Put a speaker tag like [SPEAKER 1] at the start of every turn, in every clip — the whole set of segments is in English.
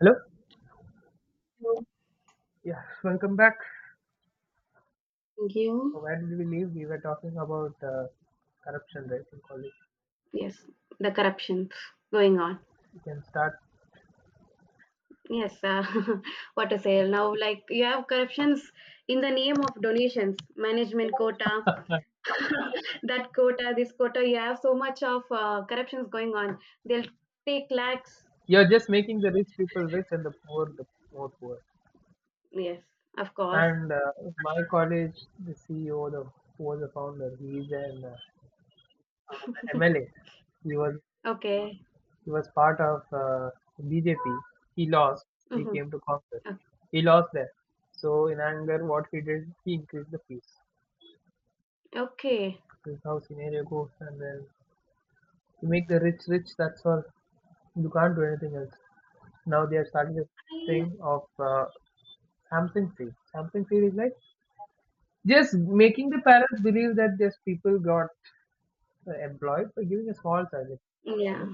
[SPEAKER 1] Hello?
[SPEAKER 2] Thank
[SPEAKER 1] Yes, welcome back.
[SPEAKER 2] you.
[SPEAKER 1] So, where did we leave? We were talking about corruption, right, in college.
[SPEAKER 2] Yes, the corruptions going on.
[SPEAKER 1] You can start.
[SPEAKER 2] Yes, what to say now? Like you have corruptions in the name of donations, management quota, that quota, this quota. You have so much of corruptions going on. They'll take lakhs.
[SPEAKER 1] You're just making the rich people rich and the poor the more poor.
[SPEAKER 2] Yes, of course.
[SPEAKER 1] And my college, the CEO, the who was the founder, he's an MLA. He was
[SPEAKER 2] Okay.
[SPEAKER 1] he was part of BJP. He lost. He
[SPEAKER 2] Hmm.
[SPEAKER 1] came to Congress. He lost there. So in anger, what he did, he increased the fees.
[SPEAKER 2] Okay.
[SPEAKER 1] This is how scenario goes, and then you make the rich rich, that's all. You can't do anything else. Now they are starting this thing of something feed. Something feed is like just making the parents believe that these people got employed by giving a small salary.
[SPEAKER 2] Yeah.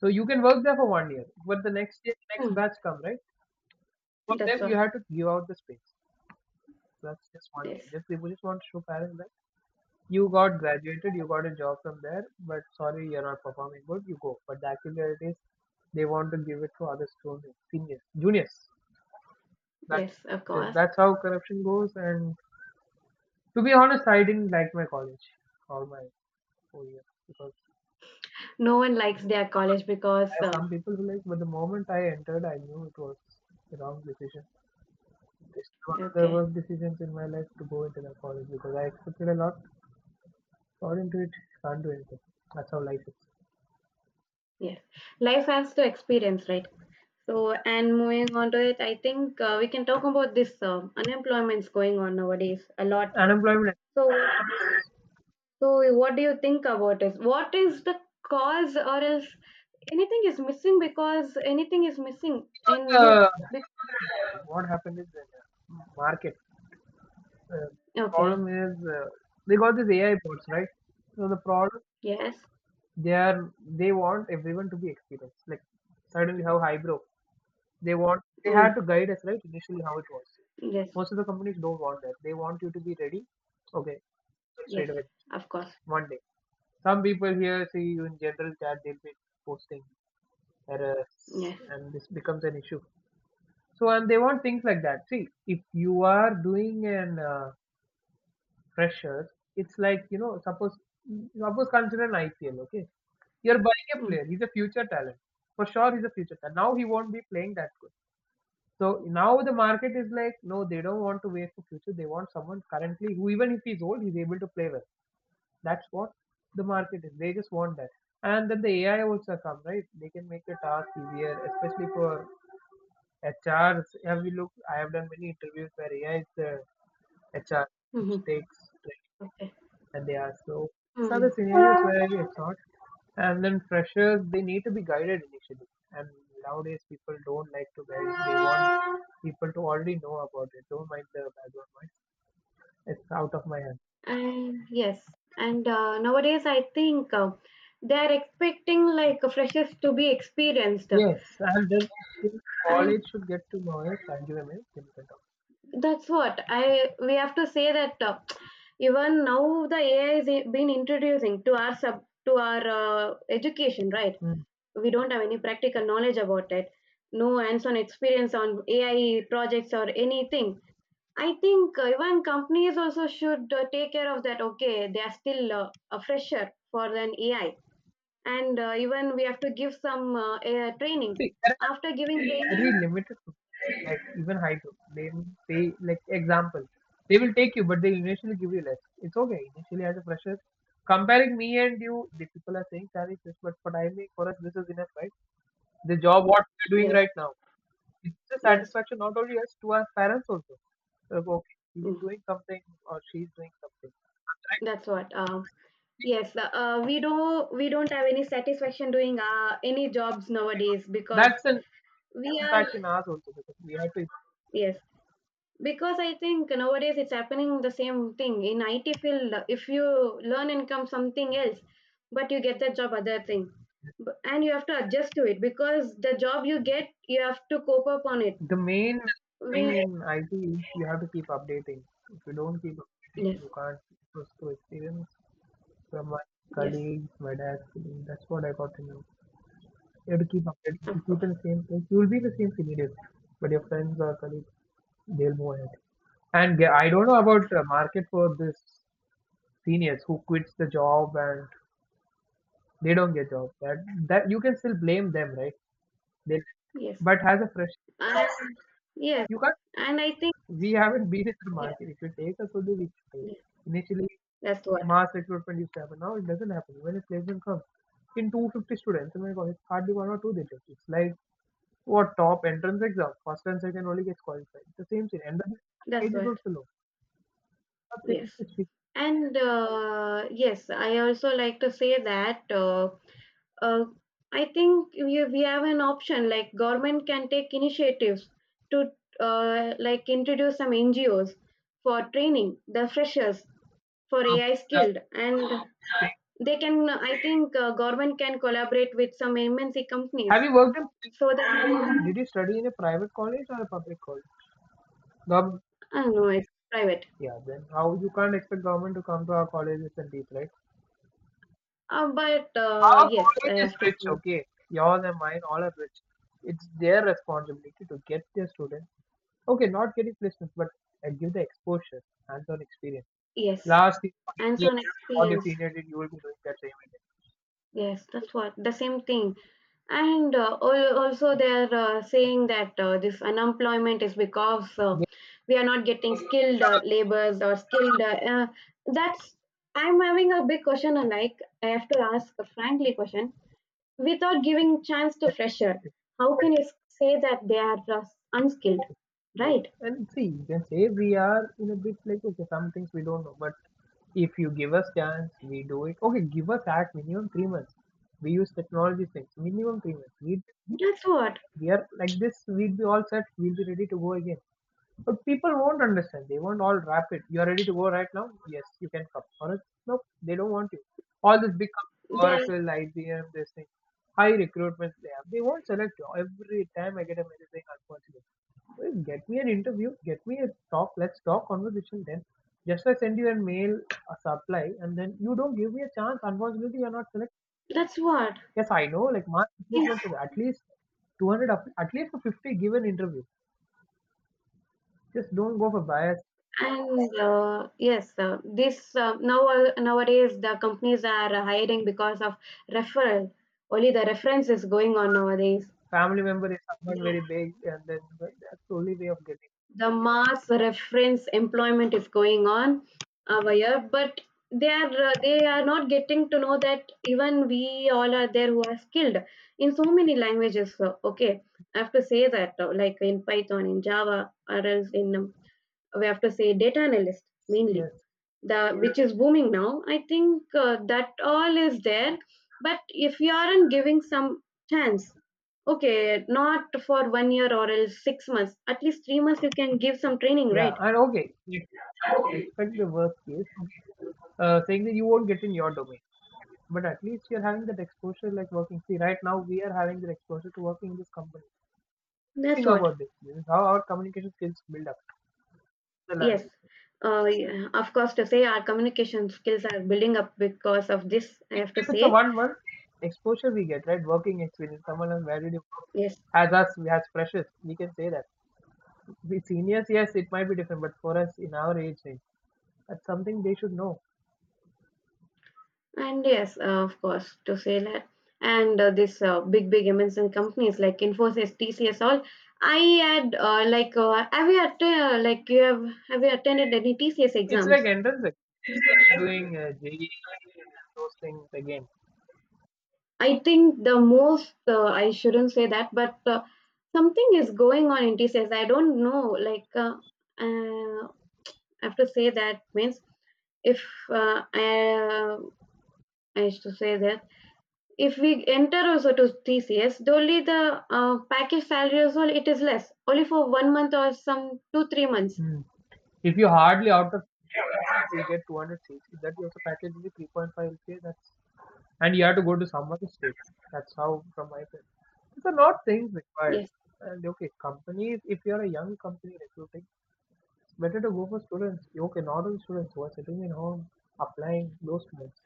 [SPEAKER 1] So you can work there for one year, but the next year, next
[SPEAKER 2] Mm,
[SPEAKER 1] batch come right. For
[SPEAKER 2] that's
[SPEAKER 1] them, you
[SPEAKER 2] what.
[SPEAKER 1] have to give out the space. That's just one year.
[SPEAKER 2] Yes.
[SPEAKER 1] Just they just want to show parents that. You got graduated, you got a job from there, but sorry, you're not performing good, you go. But the actual reality is they want to give it to other students, seniors, juniors. That's
[SPEAKER 2] Yes, of
[SPEAKER 1] it.
[SPEAKER 2] course.
[SPEAKER 1] That's how corruption goes. And to be honest, I didn't like my college all my 4 years because
[SPEAKER 2] No one likes their college because.
[SPEAKER 1] as some people who like, but the moment I entered, I knew it was the wrong decision. It's was the
[SPEAKER 2] Okay.
[SPEAKER 1] worst decisions in my life to go into that college because I expected a lot, got into it, can't do anything. That's how life is.
[SPEAKER 2] Yes, life has to experience, right? So, and moving on to it, I think we can talk about this unemployment's going on nowadays a lot.
[SPEAKER 1] Unemployment.
[SPEAKER 2] So, so what do you think about this? What is the cause, or else anything is missing because anything is missing in youth?
[SPEAKER 1] Uh,
[SPEAKER 2] Be-
[SPEAKER 1] what happened is that market uh,
[SPEAKER 2] Okay.
[SPEAKER 1] problem is they got these AI bots, right? So the problem
[SPEAKER 2] Yes.
[SPEAKER 1] they want everyone to be experienced. Like suddenly how highbrow they had
[SPEAKER 2] Mm.
[SPEAKER 1] to guide us, right? Initially how it was.
[SPEAKER 2] Yes.
[SPEAKER 1] Most of the companies don't want that. They want you to be ready. Okay, straight
[SPEAKER 2] Yes.
[SPEAKER 1] away,
[SPEAKER 2] Of course.
[SPEAKER 1] one day. Some people here see you in general chat. They'll be posting errors,
[SPEAKER 2] Yes.
[SPEAKER 1] and this becomes an issue. So and they want things like that. See, if you are doing an Pressures. It's like suppose consider an IPL. Okay, you're buying a
[SPEAKER 2] Mm.
[SPEAKER 1] player. He's a future talent. For sure, he's a future talent. Now he won't be playing that good. So now the market is like, no, they don't want to wait for future. They want someone currently who, even if he's old, he's able to play well. That's what the market is. They just want that. And then the AI also come, right? They can make the task easier, especially for HRs. Have you looked? I have done many interviews where AI is the HR, which
[SPEAKER 2] Hmm.
[SPEAKER 1] takes training
[SPEAKER 2] Okay.
[SPEAKER 1] and they are slow. These are the
[SPEAKER 2] Mm.
[SPEAKER 1] scenarios where it's not. And then freshers, they need to be guided initially. And nowadays, people don't like to guide. They want people to already know about it. Don't mind the background noise. It's out of my hand.
[SPEAKER 2] And yes, and nowadays I think they are expecting like freshers to be experienced,
[SPEAKER 1] Yes, and then college
[SPEAKER 2] and
[SPEAKER 1] should get to know it. Thank you, Emil. Then we can talk.
[SPEAKER 2] that's what I we have to say that even now the AI is been introducing to our education, right?
[SPEAKER 1] Mm.
[SPEAKER 2] We don't have any practical knowledge about it, no hands-on experience on AI projects or anything. I think even companies also should take care of that. Okay, they are still a fresher for an AI and even we have to give some training
[SPEAKER 1] See, there
[SPEAKER 2] after giving
[SPEAKER 1] very
[SPEAKER 2] training.
[SPEAKER 1] limited to like even high group. They will pay like example. They will take you, but they initially give you less. It's okay. Initially as a fresher, comparing me and you, the people are saying salary is this, but for I make for us this is enough, right? The job what we're doing
[SPEAKER 2] Yes.
[SPEAKER 1] right now. It's a
[SPEAKER 2] Yes.
[SPEAKER 1] satisfaction not only us to our parents also. Like, okay, he's
[SPEAKER 2] Mm,
[SPEAKER 1] doing something or she's doing something. Right?
[SPEAKER 2] that's what. Yes, we don't have any satisfaction doing any jobs nowadays because
[SPEAKER 1] That's an
[SPEAKER 2] we are.
[SPEAKER 1] impact in us also because we have to.
[SPEAKER 2] Yes. Because I think nowadays it's happening the same thing in IT field. If you learn and come something else but you get that job other thing. And you have to adjust to it because the job you get you have to cope up on it.
[SPEAKER 1] The main
[SPEAKER 2] We.
[SPEAKER 1] thing in IT is you have to keep updating. If you don't keep updating,
[SPEAKER 2] Yes.
[SPEAKER 1] you can't trust to experience from my
[SPEAKER 2] Yes,
[SPEAKER 1] colleagues, my desk. That's what I got to know. You have to keep updating. If you
[SPEAKER 2] of
[SPEAKER 1] keep
[SPEAKER 2] course.
[SPEAKER 1] in the same place, you will be in the same field, but your friends or colleagues, they'll move ahead. And I don't know about market for this seniors who quits the job and they don't get job. That you can still blame them, right? They,
[SPEAKER 2] Yes.
[SPEAKER 1] but as a fresh,
[SPEAKER 2] And yes.
[SPEAKER 1] you can't.
[SPEAKER 2] And I think
[SPEAKER 1] We haven't been in the
[SPEAKER 2] yes,
[SPEAKER 1] market. If you take us only weeks take.
[SPEAKER 2] yes,
[SPEAKER 1] Initially,
[SPEAKER 2] that's what.
[SPEAKER 1] mass recruitment used to happen. Now it doesn't happen. When a placement comes in 250 students in my college, hardly one or two they take. It's like what top entrance exam, first and second only gets qualified. The same thing. And the
[SPEAKER 2] That's
[SPEAKER 1] age is
[SPEAKER 2] what.
[SPEAKER 1] also low. Are things
[SPEAKER 2] Yes.
[SPEAKER 1] which we-
[SPEAKER 2] And yes, I also like to say that uh, I think we have an option like government can take initiatives to like introduce some NGOs for training the freshers for
[SPEAKER 1] uh,
[SPEAKER 2] AI
[SPEAKER 1] uh,
[SPEAKER 2] skilled, and
[SPEAKER 1] thing-
[SPEAKER 2] they can, I think government can collaborate with some MNC
[SPEAKER 1] Have
[SPEAKER 2] companies
[SPEAKER 1] you worked in?
[SPEAKER 2] so that.
[SPEAKER 1] Did you study in a private college or a public college? Gov-
[SPEAKER 2] I don't know, it's private.
[SPEAKER 1] yeah, then how you can't expect government to come to our colleges and teach, right?
[SPEAKER 2] But
[SPEAKER 1] Our
[SPEAKER 2] yes,
[SPEAKER 1] college
[SPEAKER 2] I
[SPEAKER 1] is
[SPEAKER 2] have to
[SPEAKER 1] rich,
[SPEAKER 2] say
[SPEAKER 1] okay? Yours and mine, all are rich. It's their responsibility to get their students, okay, not getting placements, but give the exposure, hands on experience.
[SPEAKER 2] yes.
[SPEAKER 1] Last thing, what your
[SPEAKER 2] And
[SPEAKER 1] senior
[SPEAKER 2] on
[SPEAKER 1] what your
[SPEAKER 2] experience.
[SPEAKER 1] senior did, you will be doing that same
[SPEAKER 2] Yes, that's what, the same thing. And also they're saying that this unemployment is because
[SPEAKER 1] again.
[SPEAKER 2] we are not getting skilled laborers or skilled. That's, I'm having a big question. And Like I have to ask a frankly question without giving chance to
[SPEAKER 1] Yes,
[SPEAKER 2] fresher.
[SPEAKER 1] it's
[SPEAKER 2] How can you say that they are unskilled? Right?
[SPEAKER 1] And see, you can say we are in a bit like, okay, some things we don't know, but if you give us chance, we do it. Okay, give us at minimum 3 months. We use technology things, minimum 3 months. We
[SPEAKER 2] That's what
[SPEAKER 1] year like this, we'll be all set. We'll be ready to go again. But people won't understand. They won't all wrap it. You're ready to go right now? Yes, you can come. Or else, nope, they don't want you. All this big companies,
[SPEAKER 2] they. Are
[SPEAKER 1] Oracle, IBM, this thing, high recruitment they have. They won't select you. Every time I get a message saying unfortunately. Well, get me an interview, get me a talk, let's talk conversation then. Just I send you a mail, a supply, and then you don't give me a chance. Unfortunately, you're not selected.
[SPEAKER 2] That's what.
[SPEAKER 1] Yes, I know. Like mass
[SPEAKER 2] Yes.
[SPEAKER 1] recruitment is at least 200, at least 50 given interview. Just don't go for bias.
[SPEAKER 2] And yes, this now nowadays the companies are hiring because of referral. Only the reference is going on nowadays.
[SPEAKER 1] Family member is someone
[SPEAKER 2] The,
[SPEAKER 1] very big, and then but that's the only way of getting.
[SPEAKER 2] the mass reference employment is going on over here, but they are not getting to know that even we all are there who are skilled in so many languages. So, okay, I have to say that like in Python, in Java, or else in we have to say data analyst mainly,
[SPEAKER 1] Yes,
[SPEAKER 2] the which is booming now. I think that all is there, but if you aren't giving some chance, okay, not for 1 year or else 6 months, at least 3 months you can give some training,
[SPEAKER 1] yeah,
[SPEAKER 2] right?
[SPEAKER 1] and okay. Yes, expect the worst case. Okay. Saying that you won't get in your domain, but at least you're having that exposure, like working. See, right now we are having that exposure to working in this company.
[SPEAKER 2] That's
[SPEAKER 1] Think
[SPEAKER 2] what.
[SPEAKER 1] about this. This is how our communication skills build up the
[SPEAKER 2] Yes.
[SPEAKER 1] language.
[SPEAKER 2] Yeah, of course, to say our communication skills are building up because of this, I
[SPEAKER 1] Even
[SPEAKER 2] have to
[SPEAKER 1] if it's a
[SPEAKER 2] say
[SPEAKER 1] one month exposure we get, right? Working experience, someone has valued it
[SPEAKER 2] yes.
[SPEAKER 1] as us, as freshers, we can say that. The seniors, yes, it might be different, but for us in our age range, that's something they should know.
[SPEAKER 2] And yes, of course, to say that. And this big, big MNC companies like Infosys, TCS, all. I had have you att- like you have you attended any TCS
[SPEAKER 1] It's like
[SPEAKER 2] exams?
[SPEAKER 1] entrance exam, doing JEE, those things again.
[SPEAKER 2] I think the most I shouldn't say that, but something is going on in TCS. I don't know. Like I have to say that means if I uh, I used to say that if we enter also to TCS, the only the package salary also it is less, only for 1 month or some 2 3 months.
[SPEAKER 1] Hmm. If you hardly out of you get 200 seats, if that you also package only 3.5K? That's and you have to go to some other state. That's how, from my perspective, these are not things required.
[SPEAKER 2] Yes,
[SPEAKER 1] And okay, companies, if you're a young company recruiting, it's better to go for students. Okay, not all students who are sitting at home applying those students.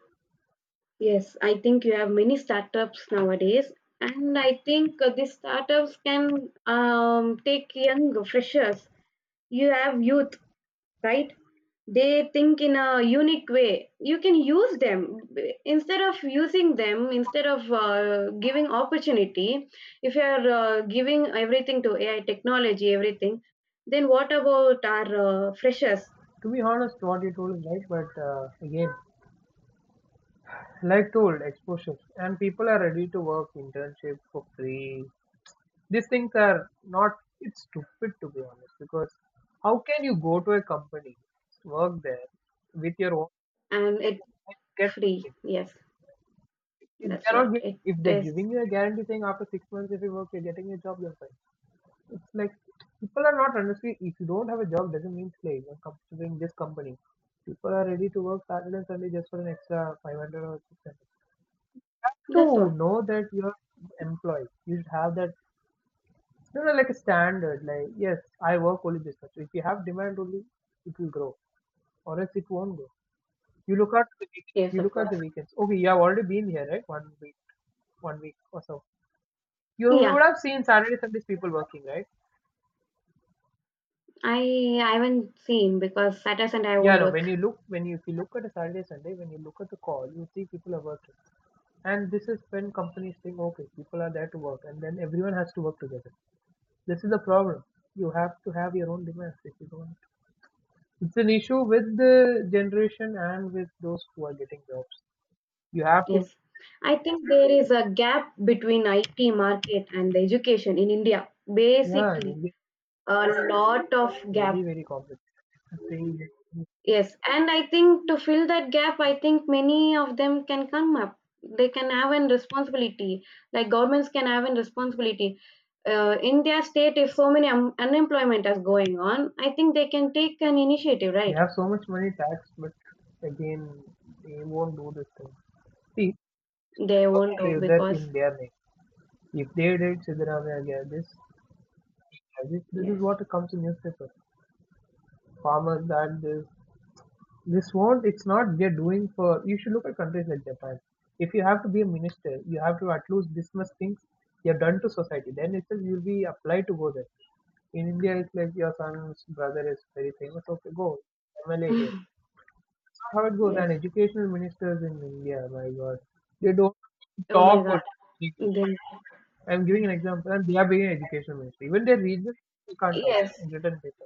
[SPEAKER 2] yes. I think you have many startups nowadays, and I think these startups can take young freshers. You have youth, right? They think in a unique way. You can use them instead of giving opportunity. If you are giving everything to AI technology everything, then what about our freshers
[SPEAKER 1] To be honest, what you told is right, but again, like told, exposure. And people are ready to work internship for free. These things are not, it's stupid to be honest, because how can you go to a company, work there with your own,
[SPEAKER 2] and it's
[SPEAKER 1] and get
[SPEAKER 2] free?
[SPEAKER 1] nothing?
[SPEAKER 2] Yes,
[SPEAKER 1] If
[SPEAKER 2] that's
[SPEAKER 1] they're not,
[SPEAKER 2] what it
[SPEAKER 1] if they're
[SPEAKER 2] is.
[SPEAKER 1] giving you a guarantee saying after 6 months if you work you're getting a job, you're fine. It's like people are not honestly. If you don't have a job, doesn't mean slave. I considering this company, people are ready to work Saturday and Sunday just for an extra 500 or 600. Have
[SPEAKER 2] That's
[SPEAKER 1] to
[SPEAKER 2] what.
[SPEAKER 1] know that you're employed. You should have that, like a standard. Like, yes, I work only this much. If you have demand only, it will grow, or else it won't grow. You look at the weekends.
[SPEAKER 2] Yes,
[SPEAKER 1] You
[SPEAKER 2] of
[SPEAKER 1] look at the
[SPEAKER 2] course.
[SPEAKER 1] weekends. Okay, you have already been here, right? One week or so. You would
[SPEAKER 2] Yeah,
[SPEAKER 1] have seen Saturday, Sundays people working, right?
[SPEAKER 2] I haven't seen because Saturday and I
[SPEAKER 1] Yeah,
[SPEAKER 2] won't
[SPEAKER 1] no. When
[SPEAKER 2] work.
[SPEAKER 1] you look, when you if you look at a Saturday, Sunday, when you look at the call, you see people are working, and this is when companies think, okay, people are there to work, and then everyone has to work together. This is the problem. You have to have your own demands if you don't. It's an issue with the generation and with those who are getting jobs. You have to,
[SPEAKER 2] Yes, I think there is a gap between IT market and the education in India.
[SPEAKER 1] yeah, I
[SPEAKER 2] Basically,
[SPEAKER 1] mean, it's
[SPEAKER 2] a lot of gap.
[SPEAKER 1] very very complicated. The thing is,
[SPEAKER 2] Yes, and I think to fill that gap, I think many of them can come up. They can have an responsibility, like governments can have an responsibility. In their state, if so many unemployment is going on, I think they can take an initiative,
[SPEAKER 1] they
[SPEAKER 2] right?
[SPEAKER 1] have so much money tax, but again, they won't do this thing. See,
[SPEAKER 2] They won't do
[SPEAKER 1] Sevdar
[SPEAKER 2] because
[SPEAKER 1] in their name. If they did, Siddaramaiah gave this. This is
[SPEAKER 2] yes,
[SPEAKER 1] what comes in newspaper. Farmers that this. This won't, it's not they're doing for, you should look at countries like Japan. If you have to be a minister, you have to at least dismiss things you have done to society. Then itself you'll be applied to go there. In India, it's like your son's brother is very famous. Okay, go. MLA here. That's not how it goes.
[SPEAKER 2] yes.
[SPEAKER 1] And educational ministers in India, my God, they don't
[SPEAKER 2] Oh my
[SPEAKER 1] talk
[SPEAKER 2] God,
[SPEAKER 1] or English.
[SPEAKER 2] they,
[SPEAKER 1] I'm giving an example, and they are being an education ministry. Even their region, we can't talk
[SPEAKER 2] yes.
[SPEAKER 1] in written paper.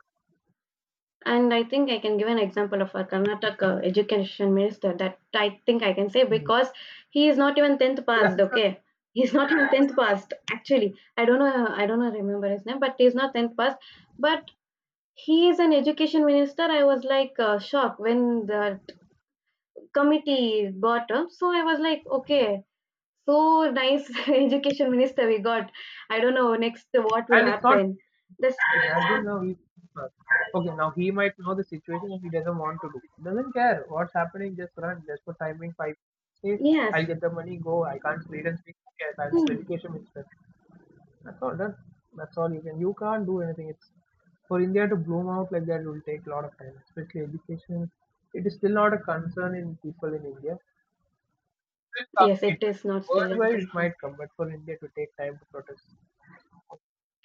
[SPEAKER 2] And I think I can give an example of our Karnataka education minister, that I think I can say,
[SPEAKER 1] Mm.
[SPEAKER 2] because he is not even 10th passed, okay? He's not even 10th passed, actually. I don't know, remember his name, but he's not 10th passed. But he is an education minister. I was like shocked when the committee got him. So I was like, okay, so nice education minister we got. I don't know next what will
[SPEAKER 1] And it's not,
[SPEAKER 2] happen. This,
[SPEAKER 1] imagine now he, okay, now he might know the situation and he doesn't want to do. Doesn't care what's happening, just run, just for timing, five, say,
[SPEAKER 2] yes.
[SPEAKER 1] I'll get the money, go, I can't read and speak, yes, I'm just
[SPEAKER 2] Hmm.
[SPEAKER 1] education minister. That's all done. That's all you can, you can't do anything. It's for India to bloom out like that will take a lot of time, especially education. It is still not a concern in people in India. Will come.
[SPEAKER 2] Yes,
[SPEAKER 1] It
[SPEAKER 2] it
[SPEAKER 1] will
[SPEAKER 2] is not still
[SPEAKER 1] come.
[SPEAKER 2] in
[SPEAKER 1] Worldwide, it
[SPEAKER 2] country.
[SPEAKER 1] might come, but for India to take time to protest.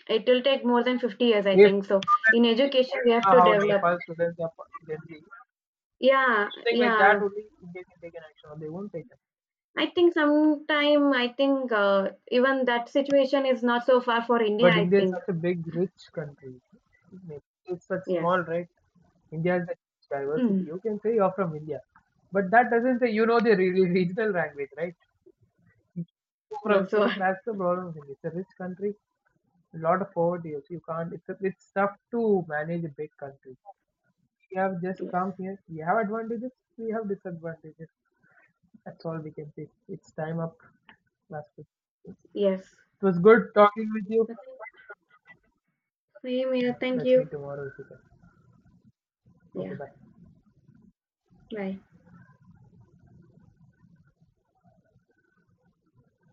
[SPEAKER 2] It will take more than 50 years,
[SPEAKER 1] If
[SPEAKER 2] I
[SPEAKER 1] you
[SPEAKER 2] think. So
[SPEAKER 1] know that
[SPEAKER 2] in
[SPEAKER 1] if you
[SPEAKER 2] education, we have
[SPEAKER 1] know
[SPEAKER 2] to
[SPEAKER 1] how
[SPEAKER 2] develop.
[SPEAKER 1] Nepal students are for Gen Z,
[SPEAKER 2] Yeah,
[SPEAKER 1] something like that,
[SPEAKER 2] yeah.
[SPEAKER 1] only India can take an action, or they won't take it.
[SPEAKER 2] I think sometime, I think even that situation is not so far for India,
[SPEAKER 1] But
[SPEAKER 2] I
[SPEAKER 1] India is
[SPEAKER 2] think.
[SPEAKER 1] such a big, rich country. It's such
[SPEAKER 2] Yes.
[SPEAKER 1] small, right? India has a huge diversity.
[SPEAKER 2] Mm,
[SPEAKER 1] You can say you're from India, but that doesn't say you know the regional language, right? You're from,
[SPEAKER 2] that's
[SPEAKER 1] so
[SPEAKER 2] what.
[SPEAKER 1] that's the problem with India. It's a rich country, a lot of poverty. So you can't. It's tough to manage a big country. We have just
[SPEAKER 2] Yes.
[SPEAKER 1] come here. We have advantages. We have disadvantages. That's all we can say. It's time up. Last week.
[SPEAKER 2] Yes.
[SPEAKER 1] It was good talking with you.
[SPEAKER 2] Same here. Thank
[SPEAKER 1] Let's meet
[SPEAKER 2] you.
[SPEAKER 1] tomorrow if you can. Okay,
[SPEAKER 2] Yeah.
[SPEAKER 1] bye.
[SPEAKER 2] Bye.